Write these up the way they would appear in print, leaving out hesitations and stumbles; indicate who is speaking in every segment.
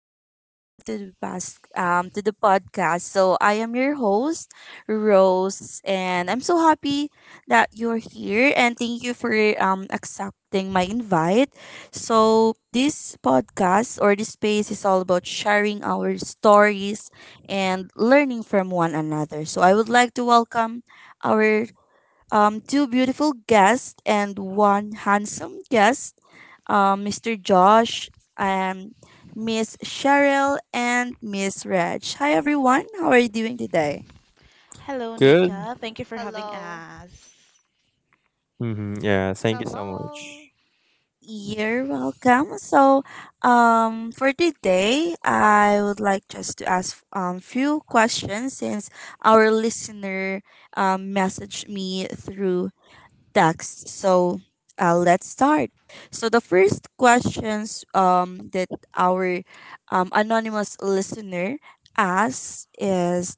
Speaker 1: and welcome to to the podcast. So I am your host, Rose, and I'm so happy that you're here, and thank you for accepting my invite. So this podcast or this space is all about sharing our stories and learning from one another. So I would like to welcome our two beautiful guests and one handsome guest, Mr. Josh, um, Miss Cheryl, and Miss Reg. Hi, everyone. How are you doing today?
Speaker 2: Hello,
Speaker 3: Good.
Speaker 2: Nika. Thank you for having
Speaker 4: Hello.
Speaker 2: us.
Speaker 3: Yeah. Thank you so much.
Speaker 4: Hello.
Speaker 1: You're welcome. So, for today, I would like just to ask few questions since our listener messaged me through text. So, let's start. So the first questions that our anonymous listener asks is,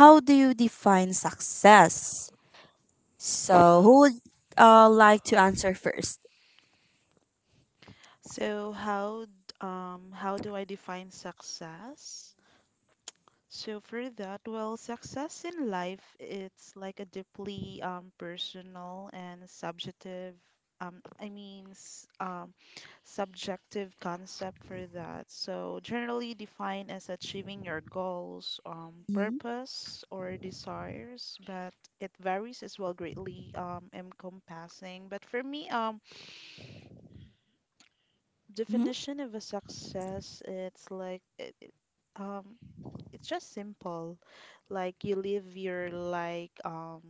Speaker 1: how do you define success? So, who would like to answer first?
Speaker 2: So how do I define success? So for that, well, success in life, it's like a deeply personal and subjective, um, I mean, s- um, subjective concept for that. So generally defined as achieving your goals,
Speaker 1: Mm-hmm.
Speaker 2: purpose or desires, but it varies as well greatly, encompassing. But for me, definition of a success, um, it's just simple. Like you live your like um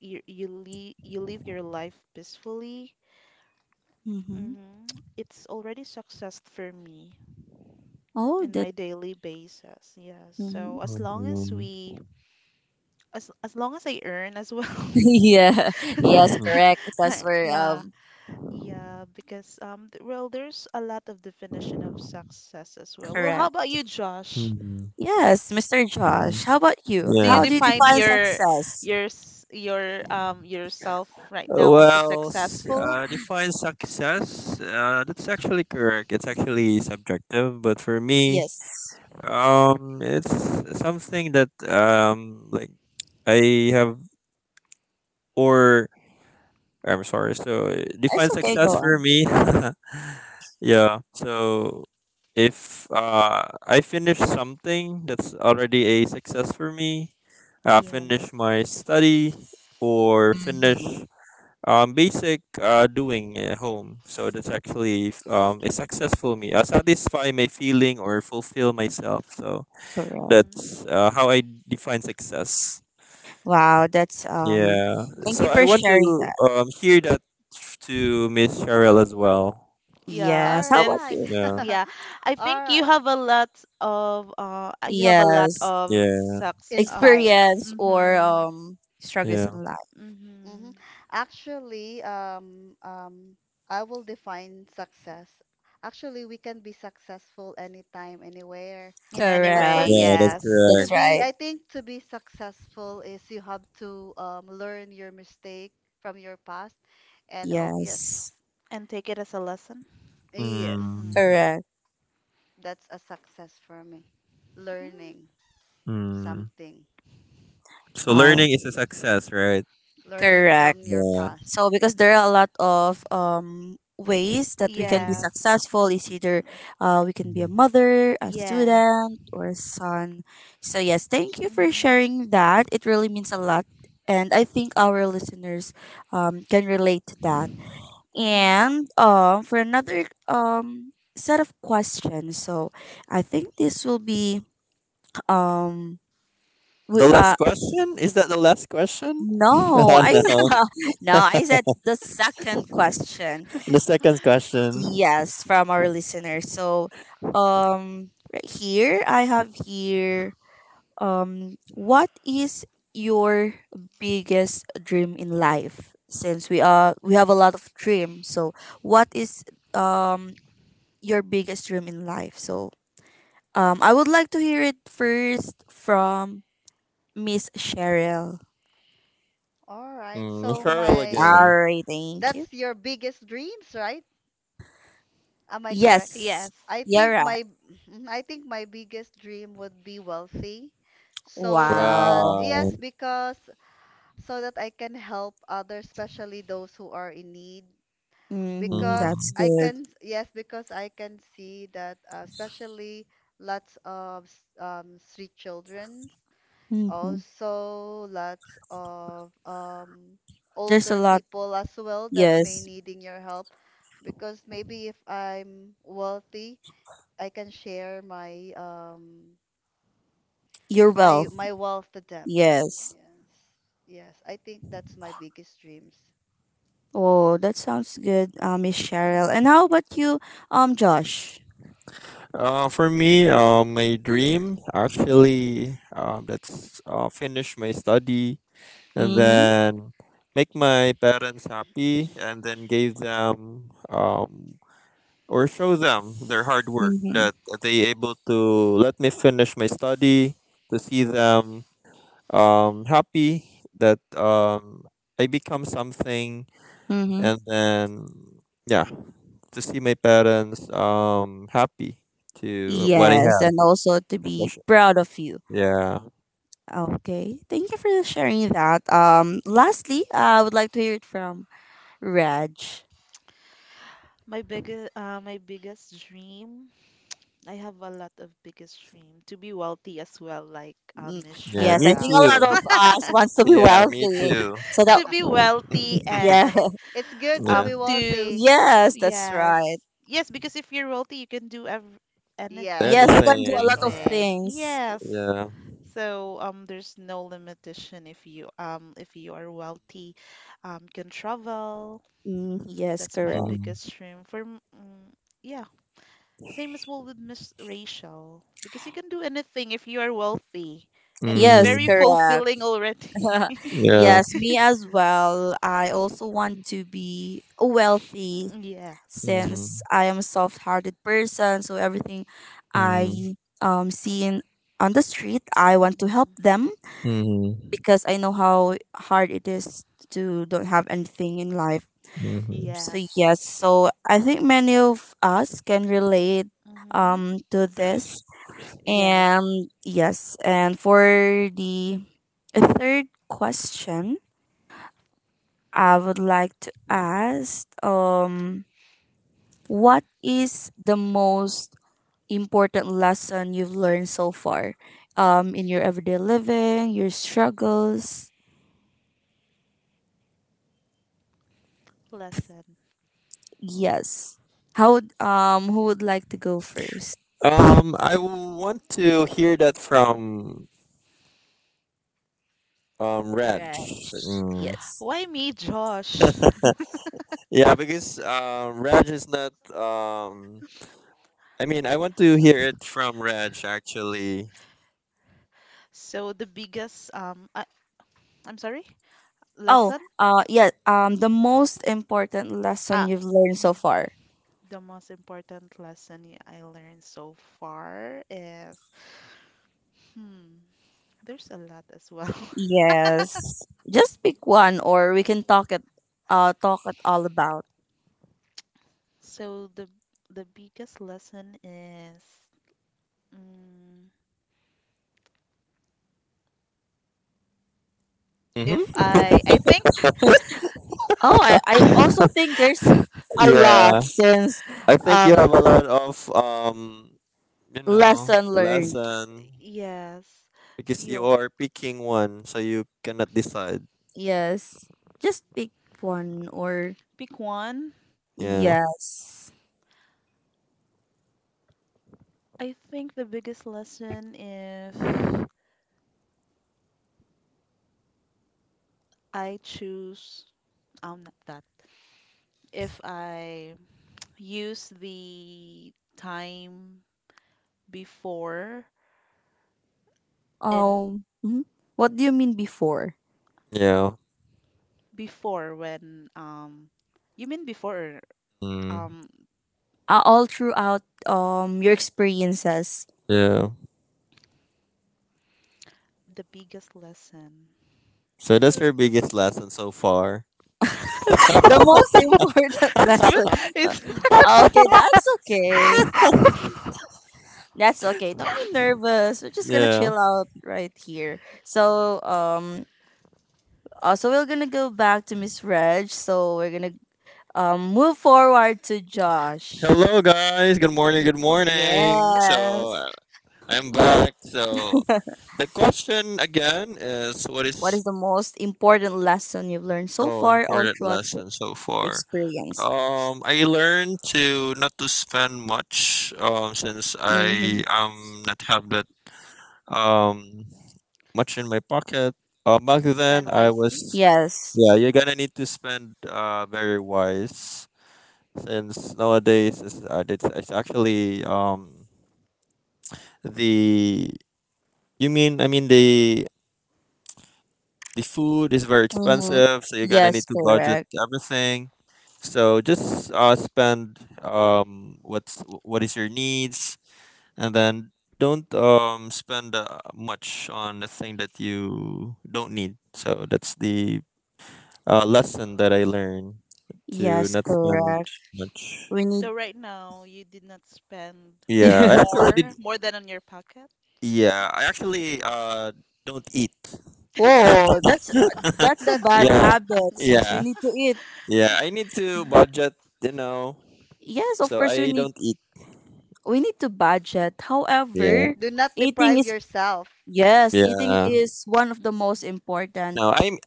Speaker 2: you you li you live your life peacefully.
Speaker 1: Mm-hmm. Hmm.
Speaker 2: hmm It's already success for me
Speaker 1: Oh,
Speaker 2: in
Speaker 1: that.
Speaker 2: my daily basis. Yeah.
Speaker 1: Mhm.
Speaker 2: So as long as
Speaker 3: Mhm.
Speaker 2: we as long as I earn as well.
Speaker 1: Yeah. Yes,
Speaker 3: Mhm.
Speaker 1: correct. Because we're
Speaker 2: Yeah. Yeah, because well there's a lot of definition of success as well. Well, how
Speaker 1: correct.
Speaker 2: about you, Josh?
Speaker 3: Mhm.
Speaker 1: Yes, Mr.
Speaker 3: Mhm.
Speaker 1: Josh. How about you?
Speaker 2: Do you
Speaker 3: Yeah.
Speaker 1: How do you
Speaker 2: define
Speaker 1: define
Speaker 2: your
Speaker 1: success?
Speaker 2: yourself right now as a
Speaker 3: Well,
Speaker 2: successful?
Speaker 3: define success. That's actually correct. It's actually subjective, but for me,
Speaker 1: Yes.
Speaker 3: it's something that like I have or I'm sorry. So define
Speaker 1: It's okay.
Speaker 3: success
Speaker 1: Go
Speaker 3: for
Speaker 1: on.
Speaker 3: me. Yeah. So if I finish something, that's already a success for me.
Speaker 2: Yes.
Speaker 3: Finish my study or
Speaker 2: Mhm.
Speaker 3: finish
Speaker 1: Mm-hmm.
Speaker 3: basic doing at home. So that's actually a successful me. Satisfy my feeling or fulfill myself. So
Speaker 1: Correct.
Speaker 2: Mhm.
Speaker 3: that's how I define success.
Speaker 1: Wow. That's.
Speaker 3: Yeah.
Speaker 1: Thank you
Speaker 3: So I
Speaker 1: for
Speaker 3: want
Speaker 2: Mhm.
Speaker 1: sharing
Speaker 3: to
Speaker 1: that.
Speaker 3: hear that to Miss Cheryl as well.
Speaker 2: Yeah,
Speaker 4: All
Speaker 1: Yes. How about
Speaker 2: since
Speaker 4: right.
Speaker 1: you?
Speaker 3: Yeah.
Speaker 2: yeah, I
Speaker 4: All
Speaker 2: think you
Speaker 4: right.
Speaker 2: have a lot of you have a lot
Speaker 1: Yes.
Speaker 2: of
Speaker 3: Yeah.
Speaker 2: sucks
Speaker 4: Insights.
Speaker 1: Experience or
Speaker 2: mhm
Speaker 1: struggles
Speaker 3: Yeah.
Speaker 1: in life.
Speaker 4: hmm
Speaker 2: mhm
Speaker 4: Actually, I will define success. Actually, we can be successful anytime, anywhere.
Speaker 2: in any
Speaker 4: But for
Speaker 2: way,
Speaker 1: Correct.
Speaker 3: Yeah,
Speaker 4: me,
Speaker 3: that's
Speaker 2: yes.
Speaker 1: That's
Speaker 3: correct.
Speaker 1: right.
Speaker 4: I think to be successful is you have to learn your mistake from your past, and oh yes,
Speaker 1: Yes.
Speaker 2: And take it as a lesson.
Speaker 4: yes.
Speaker 3: Mm.
Speaker 2: Mhm.
Speaker 1: Correct.
Speaker 4: That's a success for me. Learning
Speaker 3: Mm.
Speaker 4: something,
Speaker 3: So
Speaker 1: Are.
Speaker 3: learning is a success, right?
Speaker 4: learning
Speaker 1: Correct.
Speaker 4: from your
Speaker 3: Yeah.
Speaker 4: past.
Speaker 1: So because there are a lot of ways that we can be
Speaker 3: Hmm.
Speaker 2: Yes.
Speaker 1: successful is either, we can be a
Speaker 3: Mm.
Speaker 1: mother, a
Speaker 2: Yes.
Speaker 1: student, or a son. So yes, thank you for
Speaker 2: Mhm.
Speaker 1: sharing that. It really means a lot. And I think our listeners, can relate to that.
Speaker 2: Mhm.
Speaker 1: And for another set of questions, so I think this will be um, we,
Speaker 3: The
Speaker 1: uh,
Speaker 3: last question? Is that the last question?
Speaker 1: no,
Speaker 3: Oh
Speaker 1: I
Speaker 3: no.
Speaker 1: well, no, I said the second question.
Speaker 3: The second question.
Speaker 1: Yes, from our listener. So, right here I have here. What is your biggest dream in life? Since we have a lot of dreams, so what is um your biggest dream in life? So, I would like to hear it first from Miss Cheryl.
Speaker 4: All right.
Speaker 3: Mm.
Speaker 4: So
Speaker 3: Cheryl
Speaker 4: my
Speaker 1: All
Speaker 3: again.
Speaker 1: right, thank you.
Speaker 4: that's your biggest dreams, right? Am I correct?
Speaker 1: Yes,
Speaker 2: Yes.
Speaker 4: I
Speaker 1: you're
Speaker 4: think
Speaker 1: right.
Speaker 4: my I think my biggest dream would be wealthy so that
Speaker 1: Wow.
Speaker 3: Wow.
Speaker 4: yes, because so that I can help others, especially those who are in need.
Speaker 1: Mm-hmm.
Speaker 4: Because
Speaker 1: That's
Speaker 3: Mhm.
Speaker 4: I
Speaker 2: Mm,
Speaker 1: good.
Speaker 4: can, yes, because I can see that, especially lots of street children,
Speaker 1: Mm-hmm.
Speaker 4: also lots of
Speaker 1: There's a
Speaker 4: older
Speaker 1: lot.
Speaker 4: people as well that may
Speaker 1: Yes.
Speaker 4: needing your help. Because maybe if I'm wealthy, I can share my
Speaker 1: Your
Speaker 4: my
Speaker 1: wealth.
Speaker 4: my wealth to them.
Speaker 1: Yes.
Speaker 4: Yes, yes, I think that's my biggest dreams.
Speaker 1: Oh, that sounds good, Miss Cheryl. And how
Speaker 2: mm.
Speaker 1: about you, Josh?
Speaker 3: For me, my dream actually that's finish my study and
Speaker 1: Mm-hmm.
Speaker 3: then make my parents happy, and then give them or show them their hard work
Speaker 1: Mm-hmm.
Speaker 3: that they able to let me finish my study, to see them happy that I become something
Speaker 1: Mm-hmm.
Speaker 3: and then yeah, to see my parents happy to what I
Speaker 1: Yes,
Speaker 3: have
Speaker 1: and also to be
Speaker 3: especially.
Speaker 1: proud of you.
Speaker 3: Yeah.
Speaker 1: Okay. Thank you for sharing that. Lastly, I would like to hear it from Raj.
Speaker 2: My biggest dream. I have a lot of biggest dream to be wealthy as well, like
Speaker 1: Mm,
Speaker 2: Miss
Speaker 3: yeah
Speaker 1: yes,
Speaker 3: me
Speaker 1: I think a
Speaker 3: too
Speaker 2: Cheryl.
Speaker 1: lot of us wants to be
Speaker 3: yeah me
Speaker 1: wealthy.
Speaker 3: too
Speaker 1: So that,
Speaker 2: To be wealthy
Speaker 4: it's
Speaker 1: yeah.
Speaker 2: and
Speaker 4: it, it's good to
Speaker 3: Yeah.
Speaker 4: be
Speaker 2: to
Speaker 4: wealthy.
Speaker 1: Yes, that's right.
Speaker 2: yes, yes, because if you're wealthy you can do
Speaker 4: Yes,
Speaker 1: Yes, we
Speaker 2: anything,
Speaker 1: can do a
Speaker 3: Anything.
Speaker 1: lot of
Speaker 4: correct.
Speaker 2: everything,
Speaker 1: things.
Speaker 2: yes,
Speaker 3: Yeah.
Speaker 2: so there's no limitation if you are wealthy, you can travel.
Speaker 1: Mm, yes,
Speaker 2: That's my
Speaker 1: correct.
Speaker 3: Mm-hmm.
Speaker 2: biggest dream for m- mm, Yeah, same as well with Miss Rachel because you can do anything if you are wealthy and it's
Speaker 1: Yes,
Speaker 2: very
Speaker 3: Mm-hmm.
Speaker 1: correct.
Speaker 2: fulfilling already.
Speaker 3: Yeah.
Speaker 1: Yes, me as well. I also want to be wealthy
Speaker 2: Yes.
Speaker 3: Mm-hmm.
Speaker 1: since I am a soft-hearted person. So everything
Speaker 3: Mm-hmm.
Speaker 1: I see on the street, I want to help
Speaker 2: Mm-hmm.
Speaker 1: them
Speaker 3: Mm-hmm.
Speaker 1: because I know how hard it is to don't have anything in life.
Speaker 3: Mm-hmm.
Speaker 1: So
Speaker 2: Yes.
Speaker 1: yes, so I think many of us can relate
Speaker 2: Mm-hmm.
Speaker 1: to this.
Speaker 2: Yes.
Speaker 1: And yes, and for the third question, I would like to ask what is the most important lesson you've learned so far in your everyday living, your struggles?
Speaker 2: Lesson.
Speaker 1: Yes. How would who would like to go first?
Speaker 3: I want to hear that from Raj.
Speaker 1: Red.
Speaker 3: Mm.
Speaker 1: Yes.
Speaker 2: Why me, Josh?
Speaker 3: Yeah, because Raj is not. I mean, I want to hear it from Raj actually.
Speaker 2: So the biggest I, I'm sorry,
Speaker 1: Oh,
Speaker 2: lesson?
Speaker 1: yeah, the most important
Speaker 2: Uh
Speaker 1: lesson you've learned so
Speaker 2: mm,
Speaker 1: far.
Speaker 2: the most important lesson I learned so far is hmm there's a lot as well.
Speaker 1: Yes. Just pick one, or we can talk at all about.
Speaker 2: So the biggest lesson is mm, if
Speaker 3: Mm-hmm.
Speaker 2: I I think.
Speaker 1: Oh, I also think there's a
Speaker 3: Yeah,
Speaker 1: lot since
Speaker 3: I think you
Speaker 1: um
Speaker 3: have a lot of you know,
Speaker 1: lesson learned.
Speaker 3: lesson
Speaker 2: Yes.
Speaker 3: because you
Speaker 2: Yo.
Speaker 3: are picking one, so you cannot decide.
Speaker 1: Yes. Just pick one, or
Speaker 2: Pick one.
Speaker 3: Yeah,
Speaker 1: yes.
Speaker 2: I think the biggest lesson if I choose, not that, if I use the time before and
Speaker 1: Mhm. What do you mean before?
Speaker 3: yeah,
Speaker 2: before when, you mean before,
Speaker 3: mm,
Speaker 2: um,
Speaker 1: All throughout your experiences.
Speaker 3: yeah.
Speaker 2: the biggest lesson.
Speaker 3: So that's your biggest lesson so far.
Speaker 1: The most important lesson.
Speaker 2: It's, it's
Speaker 1: Okay, that's okay. That's okay. Don't be nervous. We're just gonna
Speaker 3: Yeah.
Speaker 1: chill out right here. So also we're gonna go back to Miss Reg. So we're gonna move forward to Josh.
Speaker 3: Hello, guys. Good morning. Good morning. So
Speaker 1: Yes.
Speaker 3: I'm back. So the question again is, what
Speaker 1: What
Speaker 3: is
Speaker 1: is the most important lesson you've learned so
Speaker 3: oh
Speaker 1: far all
Speaker 3: important
Speaker 1: throughout the
Speaker 3: lesson so far?
Speaker 1: experience?
Speaker 3: I learned to not to spend much. Since
Speaker 1: Mm-hmm.
Speaker 3: I am not have that um much in my pocket. Back
Speaker 2: spend
Speaker 3: then I
Speaker 2: wisely.
Speaker 3: was
Speaker 1: Yes.
Speaker 3: yeah. You're gonna need to spend very wise since nowadays it's actually the You mean, I mean, the food is very
Speaker 1: Mm-hmm.
Speaker 3: expensive, so you're gonna need
Speaker 1: Yes,
Speaker 3: to budget
Speaker 1: correct.
Speaker 3: everything. So just spend what's what is your needs, and then don't spend much on the thing that you don't need. So that's the lesson that I learned to
Speaker 1: Yes,
Speaker 3: not spend
Speaker 1: correct.
Speaker 3: much.
Speaker 1: We need
Speaker 2: So right now you did not spend
Speaker 3: Yeah,
Speaker 1: yeah.
Speaker 3: I actually did.
Speaker 2: more, more than on your pocket.
Speaker 3: Yeah, I actually don't eat.
Speaker 1: Whoa, that's a
Speaker 4: That's so.
Speaker 1: bad
Speaker 4: Be-
Speaker 3: Yeah,
Speaker 1: habit since we
Speaker 3: yeah.
Speaker 1: need to eat.
Speaker 3: Yeah, I need to budget, you know,
Speaker 1: Yes, of
Speaker 3: so
Speaker 1: course we
Speaker 3: I
Speaker 1: need
Speaker 3: don't eat.
Speaker 1: we need to budget.
Speaker 3: Yeah,
Speaker 1: However,
Speaker 4: Do not
Speaker 1: eating
Speaker 4: deprive
Speaker 1: is,
Speaker 4: yourself.
Speaker 1: yes, eating
Speaker 3: yeah.
Speaker 1: is one of
Speaker 2: Mhm.
Speaker 1: the most
Speaker 2: Mhm.
Speaker 1: important.
Speaker 3: No, I'm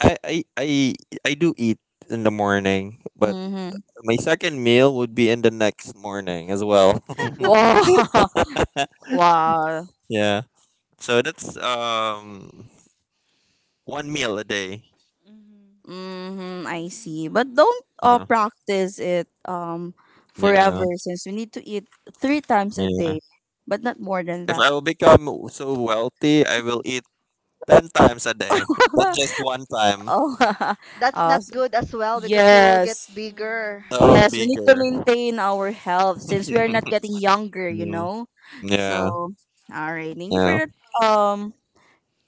Speaker 3: I I I I do eat in the morning, but
Speaker 1: Mm-hmm.
Speaker 3: my second meal would be in the next morning as well.
Speaker 1: Wow. Wow.
Speaker 3: yeah. So that's one meal a day.
Speaker 2: Mm.
Speaker 1: Mm-hmm, I see. But don't,
Speaker 3: Yeah.
Speaker 1: practice it
Speaker 3: Yeah.
Speaker 1: forever since we need to eat three times a
Speaker 3: Yeah.
Speaker 1: day, but not more than
Speaker 3: If
Speaker 1: that.
Speaker 3: I will become so wealthy, I will eat 10 times a day, not just one time.
Speaker 1: Oh.
Speaker 4: That's
Speaker 1: uh,
Speaker 4: not good as well because you will get
Speaker 1: yes.
Speaker 2: Mm.
Speaker 4: bigger.
Speaker 3: So
Speaker 1: Yes, we need to
Speaker 3: bigger.
Speaker 1: maintain our health since we are not getting younger, you
Speaker 3: Mm,
Speaker 1: know.
Speaker 3: yeah.
Speaker 1: So, all right. Thank you for
Speaker 3: Yeah.
Speaker 1: that um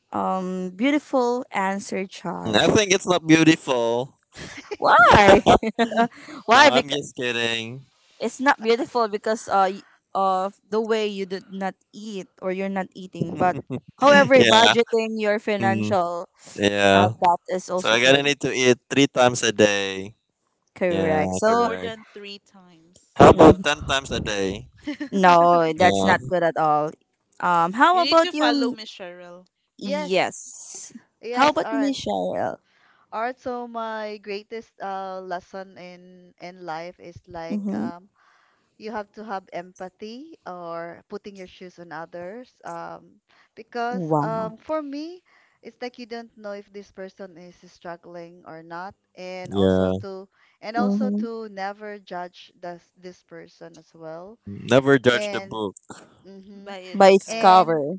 Speaker 1: beautiful answer,
Speaker 3: I
Speaker 1: Josh.
Speaker 3: think it's not beautiful.
Speaker 1: Why?
Speaker 3: No,
Speaker 1: Why?
Speaker 3: I'm
Speaker 1: Because
Speaker 3: just kidding.
Speaker 1: it's not beautiful because of the way you did not eat or you're not eating, but however,
Speaker 3: Yeah,
Speaker 1: budgeting your
Speaker 3: mm,
Speaker 1: financial,
Speaker 3: yeah.
Speaker 1: that is
Speaker 3: So
Speaker 1: also
Speaker 3: I gotta
Speaker 1: good.
Speaker 3: need to eat three times a day. Yeah,
Speaker 1: Correct.
Speaker 2: Or
Speaker 1: So,
Speaker 2: more
Speaker 3: correct.
Speaker 2: than three times.
Speaker 3: How about
Speaker 1: mm,
Speaker 3: ten times a day?
Speaker 1: no, that's
Speaker 3: Yeah,
Speaker 1: not good at all. How
Speaker 2: You need to
Speaker 1: about
Speaker 2: follow
Speaker 1: you?
Speaker 2: Miss Cheryl
Speaker 4: Yes.
Speaker 1: Yes. How
Speaker 4: Yes,
Speaker 1: about
Speaker 4: art.
Speaker 1: Michelle?
Speaker 4: Art, so my greatest lesson in life is like
Speaker 1: Mm-hmm.
Speaker 4: you have to have empathy or putting your shoes on others because
Speaker 1: Wow.
Speaker 4: for me it's like you don't know if this person is struggling or not and also
Speaker 3: yeah.
Speaker 4: to and also
Speaker 1: Mm-hmm.
Speaker 4: to never judge this person as well
Speaker 3: Never judge the
Speaker 4: and
Speaker 3: book.
Speaker 4: mm-hmm,
Speaker 2: by
Speaker 1: By
Speaker 2: its
Speaker 1: its
Speaker 4: and
Speaker 2: cover.
Speaker 1: cover.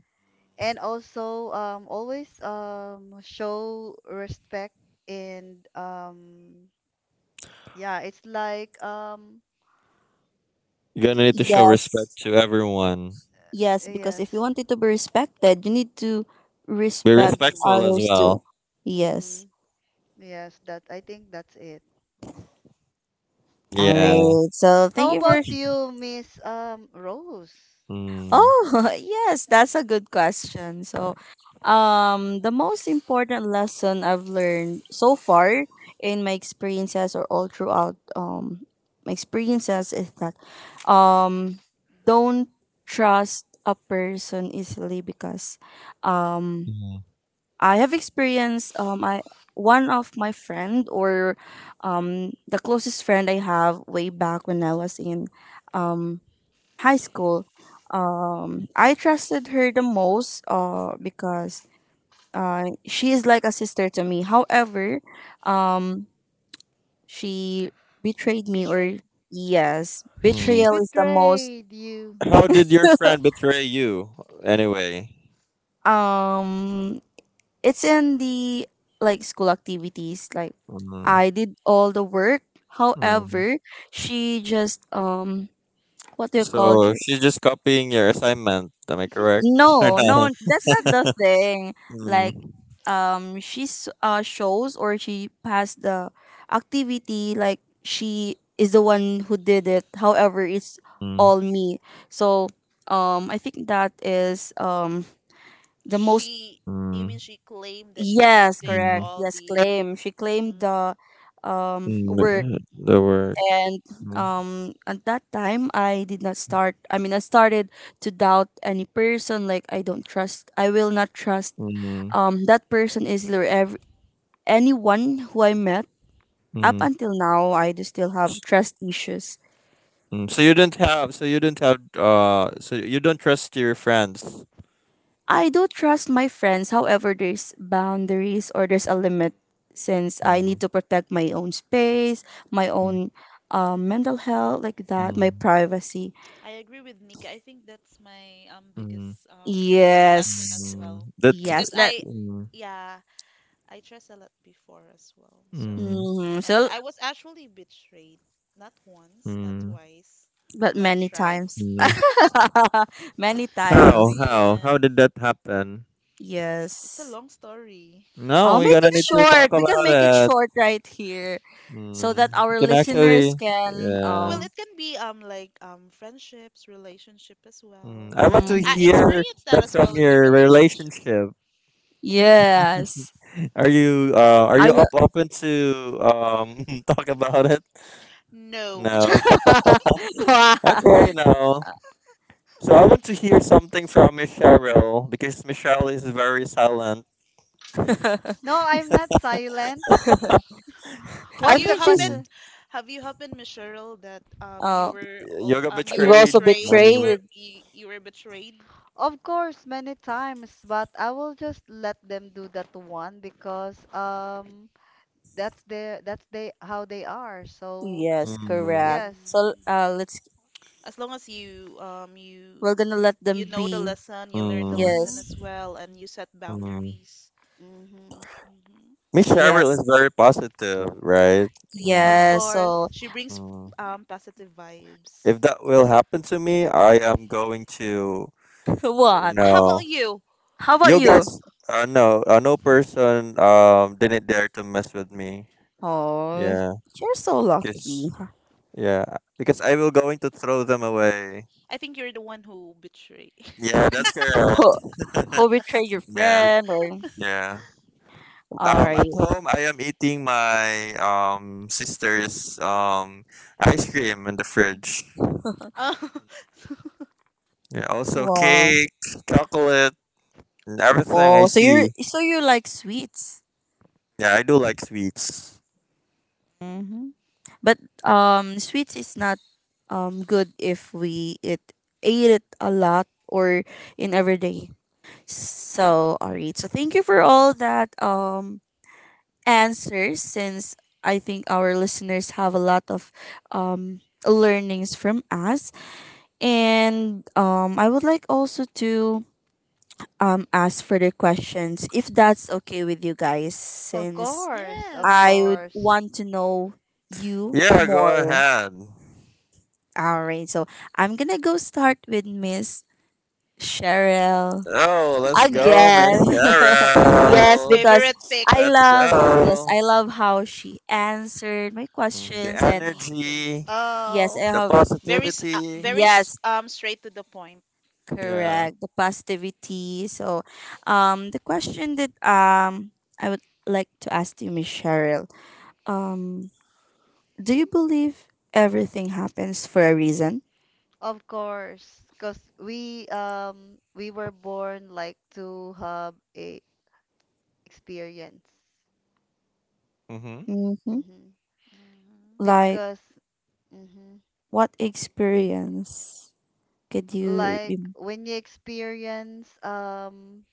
Speaker 4: and also always show respect and yeah it's like
Speaker 3: You're gonna need to show respect
Speaker 1: Yes.
Speaker 3: to everyone.
Speaker 1: Yes, because
Speaker 4: yes.
Speaker 1: if you want it to be respected, you need to
Speaker 3: Be
Speaker 1: respect
Speaker 4: Mm-hmm.
Speaker 3: respectful as
Speaker 1: others too.
Speaker 3: well.
Speaker 1: Yes.
Speaker 4: Mm-hmm. Yes, that I think that's it.
Speaker 1: All
Speaker 3: Yeah.
Speaker 1: right.
Speaker 2: So,
Speaker 1: So thank
Speaker 4: How
Speaker 1: you for.
Speaker 4: about you, Miss Rose?
Speaker 3: Mm,
Speaker 1: Oh, yes, that's a good question. So, the most important lesson I've learned so far in my experiences or all throughout my experiences is that um don't trust a person easily because um
Speaker 3: mm,
Speaker 1: I have experienced, I one of my friend, or the closest friend I have way back when I was in um high school. I trusted her the most, because she is like a sister to me. However, um, she betrayed me, or
Speaker 2: betrayed.
Speaker 1: yes,
Speaker 4: She
Speaker 3: mm.
Speaker 1: betrayal is the most.
Speaker 4: betrayed you.
Speaker 3: How did your friend betray you? Anyway.
Speaker 1: Um, it's in the like school activities. Like,
Speaker 3: Mm,
Speaker 1: I did all the work.
Speaker 3: mm.
Speaker 1: However, she just, what do you call
Speaker 3: So she's
Speaker 1: this?
Speaker 3: just copying your assignment. Am I correct? Or
Speaker 1: No,
Speaker 3: no?
Speaker 1: no, that's not the thing.
Speaker 3: Mm,
Speaker 1: Like, she's shows, or she passed the activity. Like, she is the one who did it. However, it's
Speaker 3: mm,
Speaker 1: all me. So, I think that is the most.
Speaker 2: She, you
Speaker 3: mm,
Speaker 2: mean she claimed that she
Speaker 1: Yes,
Speaker 2: did
Speaker 1: correct.
Speaker 3: mm,
Speaker 2: all
Speaker 1: Yes,
Speaker 2: the…
Speaker 1: claim. She claimed
Speaker 2: Mhm.
Speaker 1: the work,
Speaker 3: mm, the
Speaker 2: Mhm.
Speaker 3: word.
Speaker 1: and
Speaker 3: Mm,
Speaker 1: at that time I did not start. I mean, I started to doubt any person. Like, I don't trust. I will not trust,
Speaker 3: mm,
Speaker 1: that person is either anyone who I met up
Speaker 3: mm,
Speaker 1: until now. I do still have trust issues.
Speaker 3: mm. So you
Speaker 2: Mhm.
Speaker 3: don't have. So you don't have. So you don't trust your friends.
Speaker 1: I do trust my friends. However, there's boundaries or there's a limit since I
Speaker 3: Mm,
Speaker 1: need to protect my own space, my
Speaker 3: mm,
Speaker 1: own, mental health,
Speaker 2: Mhm.
Speaker 1: like that, my
Speaker 3: mm,
Speaker 1: privacy.
Speaker 2: I agree with Nika. I think that's my
Speaker 3: mm,
Speaker 2: biggest lesson as
Speaker 1: Yes,
Speaker 3: mm.
Speaker 2: well.
Speaker 3: That.
Speaker 1: yes.
Speaker 2: Because
Speaker 1: That
Speaker 2: I,
Speaker 3: Mm,
Speaker 2: yeah, I trust a lot before as well. So,
Speaker 3: mm,
Speaker 2: and
Speaker 1: so,
Speaker 2: I was actually betrayed not once, not
Speaker 3: mm,
Speaker 2: twice,
Speaker 1: but
Speaker 2: but
Speaker 1: many
Speaker 2: thrice.
Speaker 1: times,
Speaker 3: mm.
Speaker 1: many
Speaker 3: How?
Speaker 1: times.
Speaker 3: How?
Speaker 2: Yes.
Speaker 3: How did that happen?
Speaker 2: It's a
Speaker 1: Yes.
Speaker 2: long story.
Speaker 3: No,
Speaker 1: I'll
Speaker 3: we're
Speaker 1: make
Speaker 3: gonna
Speaker 1: it
Speaker 3: need to talk
Speaker 1: short. We can
Speaker 3: about
Speaker 1: make it
Speaker 3: it.
Speaker 1: short right here so that
Speaker 3: Mm, you
Speaker 1: our
Speaker 3: can
Speaker 1: listeners
Speaker 3: actually.
Speaker 1: can
Speaker 3: Yeah.
Speaker 2: Well, it can be like friendships, relationship as
Speaker 3: Mm,
Speaker 2: well.
Speaker 3: I want
Speaker 2: So
Speaker 3: to
Speaker 2: I
Speaker 1: mhm.
Speaker 3: hear
Speaker 2: experienced that
Speaker 3: that
Speaker 2: as
Speaker 3: from
Speaker 2: well in the
Speaker 3: your
Speaker 2: relationships.
Speaker 3: relationship.
Speaker 1: Yes.
Speaker 3: Are
Speaker 1: Are
Speaker 3: you
Speaker 1: you
Speaker 3: up open to talk about it?
Speaker 2: No.
Speaker 3: No.
Speaker 1: Wow!
Speaker 3: Okay, no. So I want to hear something from Miss Cheryl because Miss Cheryl is very silent.
Speaker 4: No, I'm not silent.
Speaker 2: Have
Speaker 1: I
Speaker 4: What's
Speaker 2: you
Speaker 4: the
Speaker 1: think she's
Speaker 3: Mm.
Speaker 2: happened?
Speaker 4: question?
Speaker 2: Have you happened, Miss Cheryl, that you
Speaker 1: uh
Speaker 2: were
Speaker 3: You got
Speaker 2: you
Speaker 1: you
Speaker 2: were
Speaker 1: also
Speaker 3: betrayed.
Speaker 2: betrayed?
Speaker 3: Mm,
Speaker 1: betrayed.
Speaker 2: You were betrayed.
Speaker 4: Of course, many times, but I will just let them do that one because that's their that's they how they are. So
Speaker 1: Yes,
Speaker 3: mm,
Speaker 1: correct.
Speaker 4: yes.
Speaker 1: So
Speaker 2: Mm.
Speaker 1: let's
Speaker 2: As long as you
Speaker 1: we're gonna let
Speaker 2: you
Speaker 1: them
Speaker 2: know the
Speaker 1: be.
Speaker 2: lesson, you learn the
Speaker 3: mm,
Speaker 2: lesson
Speaker 4: Mm-hmm.
Speaker 1: Yes.
Speaker 2: as well, and you set
Speaker 3: mm.
Speaker 2: boundaries.
Speaker 4: Mm-hmm.
Speaker 2: hmm
Speaker 3: Miss Cheryl
Speaker 1: Yes.
Speaker 3: is very positive, right?
Speaker 4: Of
Speaker 3: Mm,
Speaker 1: Yes.
Speaker 2: Yes,
Speaker 1: So
Speaker 4: course.
Speaker 2: she brings
Speaker 3: mm.
Speaker 2: positive vibes.
Speaker 3: If that will happen to me, I am going to
Speaker 1: what?
Speaker 2: How about
Speaker 3: no.
Speaker 2: you?
Speaker 1: How about
Speaker 3: You guys,
Speaker 1: you?
Speaker 3: no person didn't dare to mess with me.
Speaker 1: Oh,
Speaker 3: Yeah,
Speaker 1: you're so lucky.
Speaker 3: cause yeah, because I will going to throw them away.
Speaker 2: I think you're the one who betrayed.
Speaker 3: Yeah, that's correct.
Speaker 1: Who, who betrayed your
Speaker 3: Yeah,
Speaker 1: friend or
Speaker 3: yeah.
Speaker 1: all
Speaker 3: At
Speaker 1: right.
Speaker 3: home I am eating my sister's ice cream in the
Speaker 2: Mhm.
Speaker 3: fridge.
Speaker 2: Uh, so-
Speaker 3: Yeah, also
Speaker 1: Wow.
Speaker 3: cake, chocolate, and everything I
Speaker 1: Oh,
Speaker 3: see.
Speaker 1: so you like sweets.
Speaker 3: Yeah, I do like sweets.
Speaker 1: Mm-hmm. But sweets is not good if we it ate it a
Speaker 2: Mhm.
Speaker 1: lot or in every day. So alright. So thank you for all that answers since I think our listeners have a lot of learnings from us. And I would like also to ask further questions if that's okay with you guys
Speaker 4: Of
Speaker 1: since
Speaker 4: course.
Speaker 2: Yes.
Speaker 4: Of
Speaker 1: I would
Speaker 4: course.
Speaker 1: want to know you
Speaker 3: Yeah, go
Speaker 1: more.
Speaker 3: ahead.
Speaker 1: All right, so I'm gonna go start with Miss Cheryl
Speaker 3: Oh, let's
Speaker 4: Yeah.
Speaker 3: go, Miss
Speaker 1: again. Yes,
Speaker 3: Sarah.
Speaker 1: because
Speaker 2: Favorite pick.
Speaker 1: I
Speaker 3: Let's
Speaker 1: love, yes,
Speaker 3: go.
Speaker 1: I love how she answered my
Speaker 3: The
Speaker 1: questions, and
Speaker 2: Mhm. Okay.
Speaker 3: energy,
Speaker 1: yes,
Speaker 4: Oh.
Speaker 1: I
Speaker 3: the
Speaker 1: have,
Speaker 2: Very, s- uh,
Speaker 3: positivity.
Speaker 2: very s-
Speaker 1: yes,
Speaker 2: um straight to the point.
Speaker 3: Yeah.
Speaker 1: correct. The positivity. So the question that I would like to ask you, Miss Cheryl. Um do you believe everything happens for a reason?
Speaker 4: Of course, because we were born like to have a experience.
Speaker 3: Mm-hmm.
Speaker 1: Mm-hmm.
Speaker 4: Mm-hmm.
Speaker 2: Mhm.
Speaker 1: Like,
Speaker 4: Because mm-hmm.
Speaker 1: what experience could you
Speaker 4: Like
Speaker 1: be?
Speaker 4: when you experience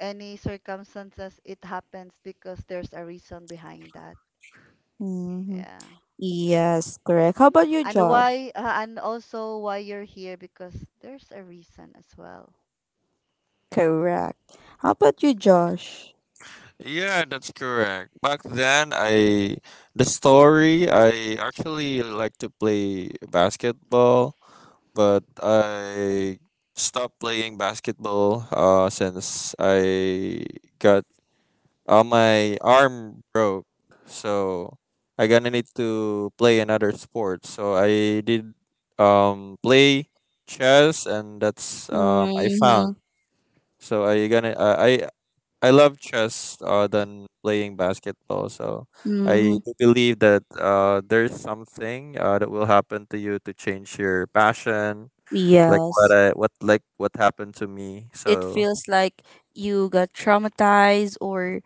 Speaker 4: any circumstances, it happens because there's a reason behind that.
Speaker 1: Mhm.
Speaker 4: Yeah.
Speaker 1: Yes, correct. How about you,
Speaker 4: And
Speaker 1: Josh?
Speaker 4: why and also why you're here because there's a reason as well.
Speaker 1: Correct. How about you, Josh?
Speaker 3: Yeah, that's correct. Back then, I the story. I actually like to play basketball, but I stopped playing basketball since I got my arm broke, so I gonna need to play another sport. So I did play chess, and that's I
Speaker 1: Mm-hmm.
Speaker 3: found. So I gonna I love chess than playing basketball. So I
Speaker 1: Mm-hmm.
Speaker 3: do believe that there's something that will happen to you to change your passion, like what
Speaker 1: Yes.
Speaker 3: I what like what happened to me.
Speaker 1: It
Speaker 3: So
Speaker 1: feels like you got traumatized or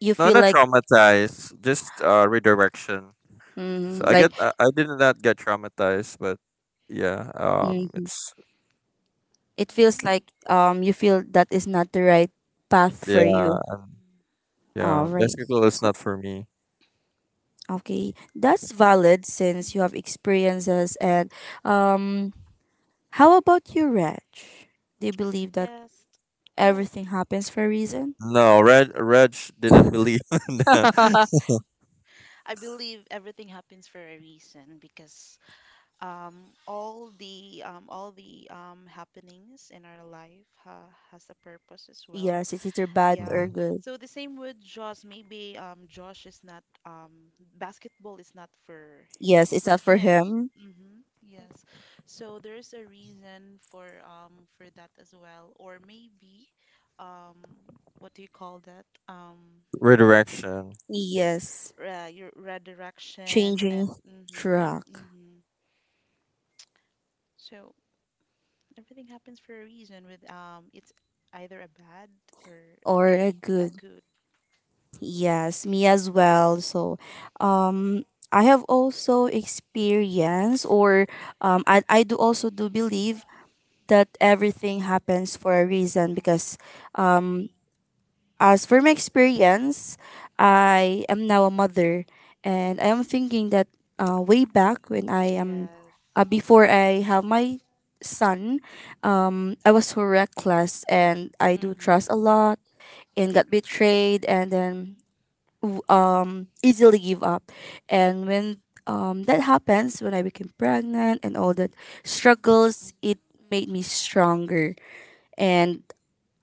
Speaker 1: you
Speaker 3: no,
Speaker 1: feel
Speaker 3: not
Speaker 1: like
Speaker 3: traumatized, just redirection. So I
Speaker 1: like,
Speaker 3: get I did not get traumatized, but yeah,
Speaker 1: mhm,
Speaker 3: it's
Speaker 1: it feels like you feel that is not the right path for you.
Speaker 3: yeah,
Speaker 2: Mhm.
Speaker 1: All
Speaker 3: yeah.
Speaker 1: right.
Speaker 3: Basketball is not for me.
Speaker 1: Okay. That's valid
Speaker 2: Mm.
Speaker 1: since you have experiences and um how about you, Reg? Do you believe that
Speaker 2: Yes. Yes.
Speaker 1: everything happens for a reason?
Speaker 3: No, Reg didn't believe in the
Speaker 2: I believe everything happens for a reason because all the happenings in our life ha has a purpose as well.
Speaker 1: Yes, it's either bad
Speaker 2: Yeah.
Speaker 1: or
Speaker 3: Mhm.
Speaker 1: good.
Speaker 2: So the same with Josh. Maybe Josh is not, basketball is not for
Speaker 1: Yes, it's
Speaker 2: for
Speaker 1: not for
Speaker 2: him.
Speaker 1: him.
Speaker 2: Mm-hmm. Yes. So there's a reason for that as well, or maybe um what do you call that?
Speaker 3: Redirection
Speaker 2: Y-
Speaker 1: Yes,
Speaker 2: your redirection, and
Speaker 1: changing track
Speaker 2: mm-hmm, mm-hmm. So everything happens for a reason with it's either a bad or
Speaker 1: or
Speaker 2: a
Speaker 1: a
Speaker 2: a
Speaker 1: good.
Speaker 2: good.
Speaker 1: Yes, me as well. So, um, I have also experienced, or I do also do believe that everything happens for a reason because, um, as for my experience, I am now a mother, and I am thinking that, way back when I am
Speaker 2: Yes.
Speaker 1: before I have my son, I was so reckless and I do trust a
Speaker 2: Mm-hmm.
Speaker 1: lot and got betrayed and
Speaker 2: Mm-hmm.
Speaker 1: then easily give up. And
Speaker 2: Mm-hmm.
Speaker 1: when that happens, when I became pregnant and all that
Speaker 2: Mm.
Speaker 1: struggles, it made me stronger. And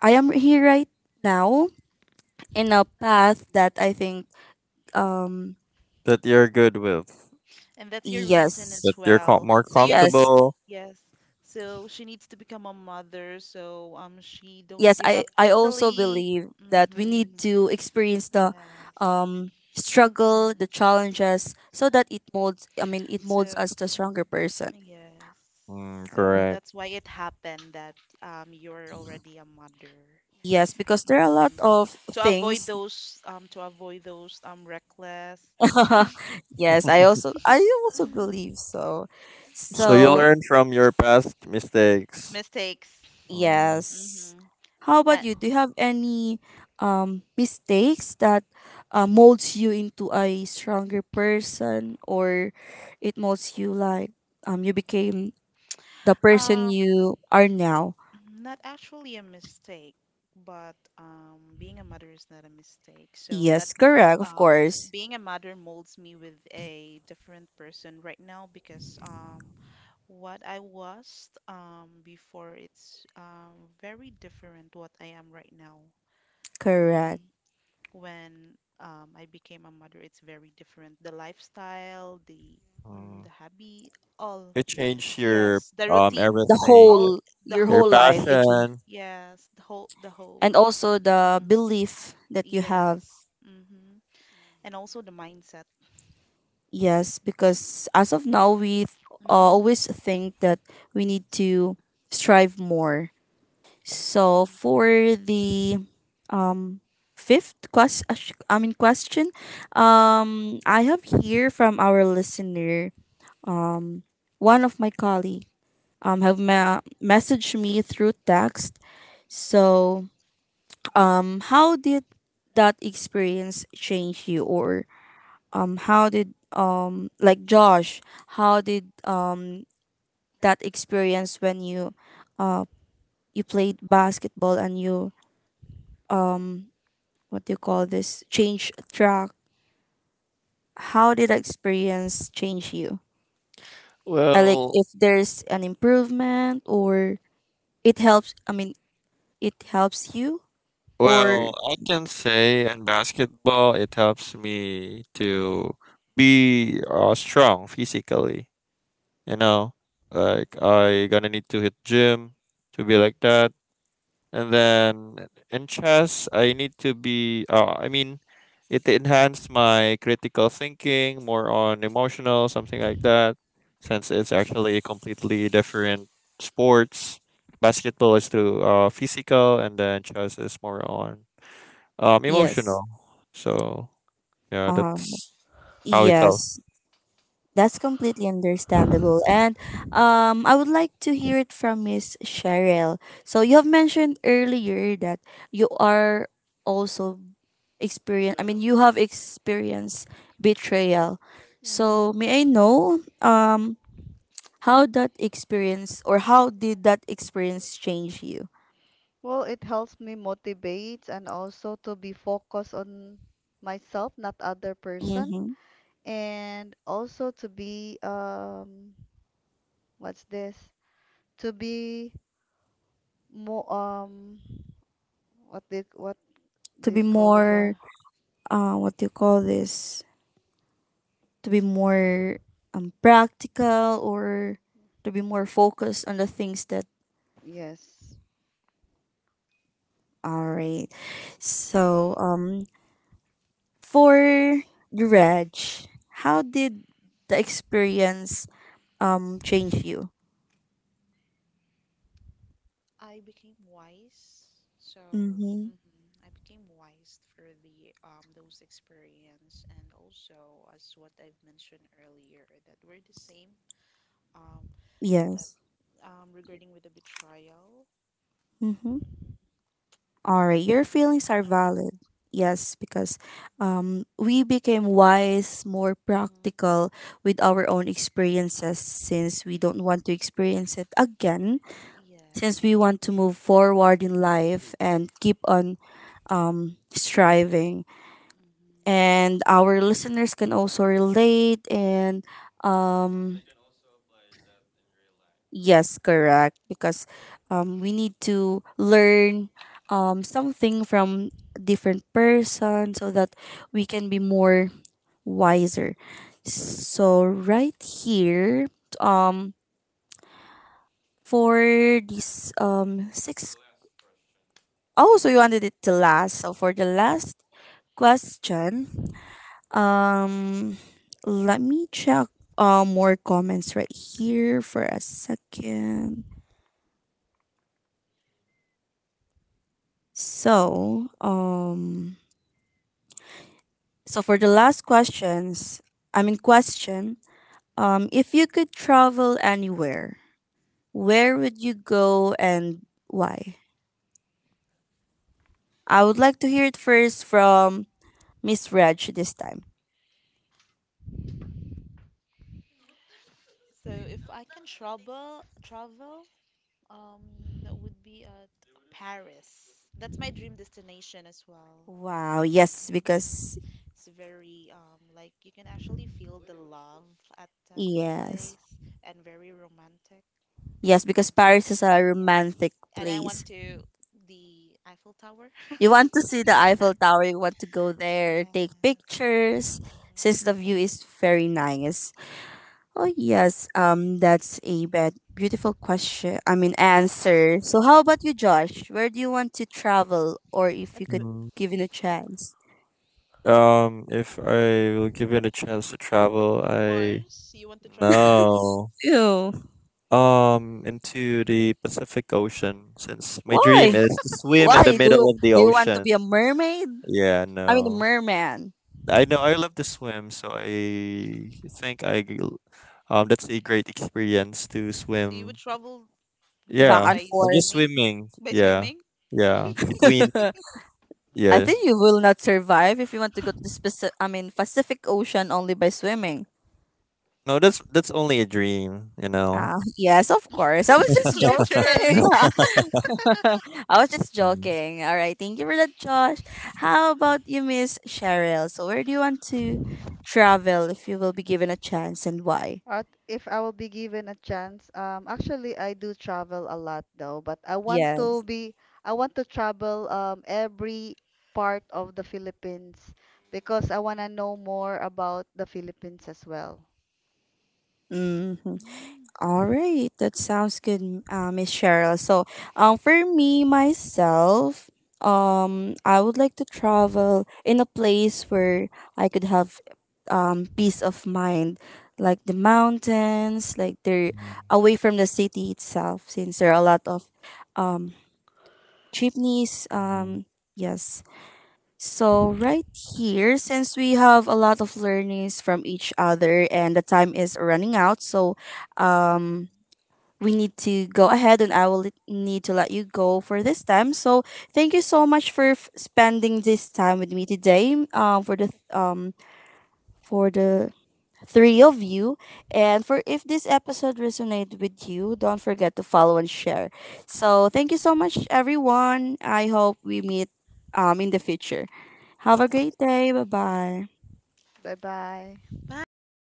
Speaker 1: I am here right now in a path that I think, um
Speaker 3: that you're good with,
Speaker 2: And that's your reason
Speaker 3: that
Speaker 2: as
Speaker 1: yes,
Speaker 3: you're
Speaker 2: well.
Speaker 3: more
Speaker 2: So you need to,
Speaker 1: yes,
Speaker 3: comfortable.
Speaker 2: yes. So she needs to become a mother, so she don't
Speaker 1: yes,
Speaker 2: give
Speaker 1: I
Speaker 2: up
Speaker 1: I also
Speaker 2: easily.
Speaker 1: believe that we need
Speaker 2: Mm-hmm.
Speaker 1: to experience
Speaker 2: Yes. Mm-hmm.
Speaker 1: the challenges so that it molds, I mean, it molds
Speaker 2: So
Speaker 1: us to a stronger person,
Speaker 2: yes.
Speaker 3: Mm,
Speaker 2: So
Speaker 3: correct.
Speaker 2: that's why it happened that you're already a mother.
Speaker 1: yes, because there are a lot
Speaker 2: Mm-hmm.
Speaker 1: of
Speaker 2: To avoid
Speaker 1: things.
Speaker 2: those reckless.
Speaker 1: Yes, I also believe so
Speaker 3: So you
Speaker 1: so
Speaker 3: learn from your past mistakes.
Speaker 2: Mistakes.
Speaker 3: Mm,
Speaker 1: Yes.
Speaker 2: Mm-hmm.
Speaker 1: How about
Speaker 2: And,
Speaker 1: you? Do you have any mistakes that molds you into a stronger person, or it molds you, like, you became the person
Speaker 2: Um,
Speaker 1: you are now?
Speaker 2: not actually a mistake, but being a mother is not a mistake. So that
Speaker 1: Yes, correct, of
Speaker 2: um,
Speaker 1: course.
Speaker 2: being a mother molds me with a different person right now because what I was before, it's very different what I am right now.
Speaker 1: Correct.
Speaker 2: Mm-hmm. When I became a mother, it's very different. The lifestyle,
Speaker 3: mm.
Speaker 2: the hobby, all.
Speaker 3: You change your
Speaker 2: Yes, the routine,
Speaker 1: The
Speaker 3: everything,
Speaker 2: all the
Speaker 3: your
Speaker 1: whole
Speaker 2: whole
Speaker 1: life it
Speaker 2: routine.
Speaker 1: changed.
Speaker 3: passion.
Speaker 2: Yes, the whole, the whole.
Speaker 1: And also the
Speaker 2: hmm
Speaker 1: belief that you have.
Speaker 2: Yes. And also the mindset.
Speaker 1: Yes, because as of now we
Speaker 2: hmm
Speaker 1: always think that we need to strive more. So
Speaker 2: Mm,
Speaker 1: for the um fifth quest I mean, question, I have here from our listener, um one of my colleague have messaged me through text. So how did that experience change you? Or how did, like, Josh, how did, that experience when you uh you played basketball and you, what do you call this, change track, how did the experience change you? Like,
Speaker 3: Well,
Speaker 1: if there's an improvement, or it helps, I mean, it helps you, or?
Speaker 3: Well, I can say in basketball, it helps me to be strong physically. You know, like I gonna need to hit gym to be like that, and then in chess, I need to be. I mean, it enhanced my critical thinking, more on emotional, something like that. Since it's actually a completely different sports, basketball is to physical, and then chess is more on
Speaker 1: Yes.
Speaker 3: emotional. So yeah,
Speaker 1: um
Speaker 3: that's how it tells.
Speaker 1: yes, that's completely understandable. And I would like to hear it from Miss Cheryl. So you have mentioned earlier that you are also experience I mean, you have experienced betrayal.
Speaker 4: Mm-hmm.
Speaker 1: So may I know, how that experience, or how did that experience change you?
Speaker 4: Well it helps me motivate and also to be focused on myself not other person
Speaker 1: Hmm.
Speaker 4: and also to be what's this to be more what do
Speaker 1: To be
Speaker 4: you call this one?
Speaker 1: more, what do you call this? To be more, practical, or to be more focused on the things that.
Speaker 4: Yes.
Speaker 1: All right. So, for the Reg, how did the experience, change you?
Speaker 2: I became wise. So,
Speaker 1: Mm-hmm.
Speaker 2: mhm, I became wise through the those experience, and also as what I've mentioned earlier, that we're the same um, that
Speaker 1: Yes.
Speaker 2: regarding with the betrayal.
Speaker 1: Mm-hmm.
Speaker 2: hmm
Speaker 1: All right, your feelings are
Speaker 2: I'm good.
Speaker 1: valid. Yes, because, we became wise, more
Speaker 2: hmm
Speaker 1: practical with our own experiences, since we don't want to experience it again,
Speaker 2: Yes.
Speaker 1: since we want to move forward in life and keep on, striving.
Speaker 2: hmm
Speaker 1: And our listeners can also relate. And, um, yes, correct. Because, we need to learn, something from different person, so that we can be more wiser. So right here, um, for this six oh, so you wanted it to last. So for the last question, um, let me check, more comments right here for a second. So, um, so for the last questions, I mean, question, if you could travel anywhere, where would you go and why? I would like to hear it first from Miss Reg this time.
Speaker 2: So if I can travel, um, that would be at Paris. That's my dream destination as well.
Speaker 1: Wow, yes,
Speaker 2: hmm
Speaker 1: because.
Speaker 2: It's very like you can actually feel the love at that
Speaker 1: Yes.
Speaker 2: place, and very romantic.
Speaker 1: Yes,
Speaker 2: Mm.
Speaker 1: because Paris is a
Speaker 2: Yeah.
Speaker 1: romantic
Speaker 2: And I want
Speaker 1: place.
Speaker 2: to the Eiffel Tower.
Speaker 1: You want to see the
Speaker 2: Yeah.
Speaker 1: Eiffel Tower, you want to go
Speaker 2: Yes.
Speaker 1: there,
Speaker 2: Mhm.
Speaker 1: take pictures, since the view is very nice. Oh yes, that's a bet beautiful question. I mean, answer. So how about you, Josh? Where do you want to travel, or
Speaker 2: What
Speaker 1: if you
Speaker 2: the?
Speaker 1: could
Speaker 3: Mm.
Speaker 1: give it a chance?
Speaker 3: If I will give it a chance to travel, I
Speaker 2: Mars. You want to travel to Mars?
Speaker 3: no.
Speaker 1: Ew.
Speaker 3: Into the Pacific Ocean since my dream
Speaker 1: Why?
Speaker 3: is to swim in
Speaker 1: Why do
Speaker 3: the middle
Speaker 1: you
Speaker 3: of the
Speaker 1: do you
Speaker 2: Really?
Speaker 1: want to be
Speaker 3: ocean.
Speaker 1: a mermaid?
Speaker 3: Yeah,
Speaker 1: I mean, a
Speaker 3: no.
Speaker 1: merman.
Speaker 3: I know I love to swim, so I think that's a great experience to
Speaker 2: So you would
Speaker 3: swim.
Speaker 2: travel there
Speaker 1: Back
Speaker 3: Yeah.
Speaker 1: and
Speaker 2: by
Speaker 3: I'm just
Speaker 1: forth.
Speaker 2: swimming?
Speaker 3: swimming.
Speaker 2: By
Speaker 3: Yeah.
Speaker 2: swimming?
Speaker 3: Yeah. Between
Speaker 1: I
Speaker 3: yeah.
Speaker 1: think you will not survive if you want to go to the specific, I mean, Pacific Ocean, only by swimming.
Speaker 3: No, that's only a dream, you know.
Speaker 1: Ah, yes, of course. I was just joking.
Speaker 2: Literally.
Speaker 1: I was just
Speaker 3: Mhm.
Speaker 1: joking. All right, thank you for that, Josh. How about you, Miss Cheryl? So, where do you want to travel if you will be given a chance, and why?
Speaker 4: Uh, if I will be given a chance, actually I do travel a lot though, but
Speaker 1: Yes.
Speaker 4: I want to travel every part of the Philippines because I want to know more about the Philippines as well.
Speaker 1: Hmm.
Speaker 2: Mm.
Speaker 1: All right, that sounds good, Miss Cheryl. So, for me myself, I would like to travel in a place where I could have, um, peace of mind, like the mountains, like they're away from the city itself, since there are a lot of, um chimneys.
Speaker 3: Mhm.
Speaker 1: Yes. So right here, since we have a lot of learnings from each other, and the time is running out, so, um
Speaker 2: Mhm.
Speaker 1: we need to go ahead, and I need to let you go for this time. So thank you so much for spending this time with me today. For the for the three of you. And for, if this episode resonated with you, don't forget to follow and share. So thank you so much, everyone. I hope we meet, um, in the future. Have a great day. Bye bye.
Speaker 4: Bye bye.
Speaker 2: Bye.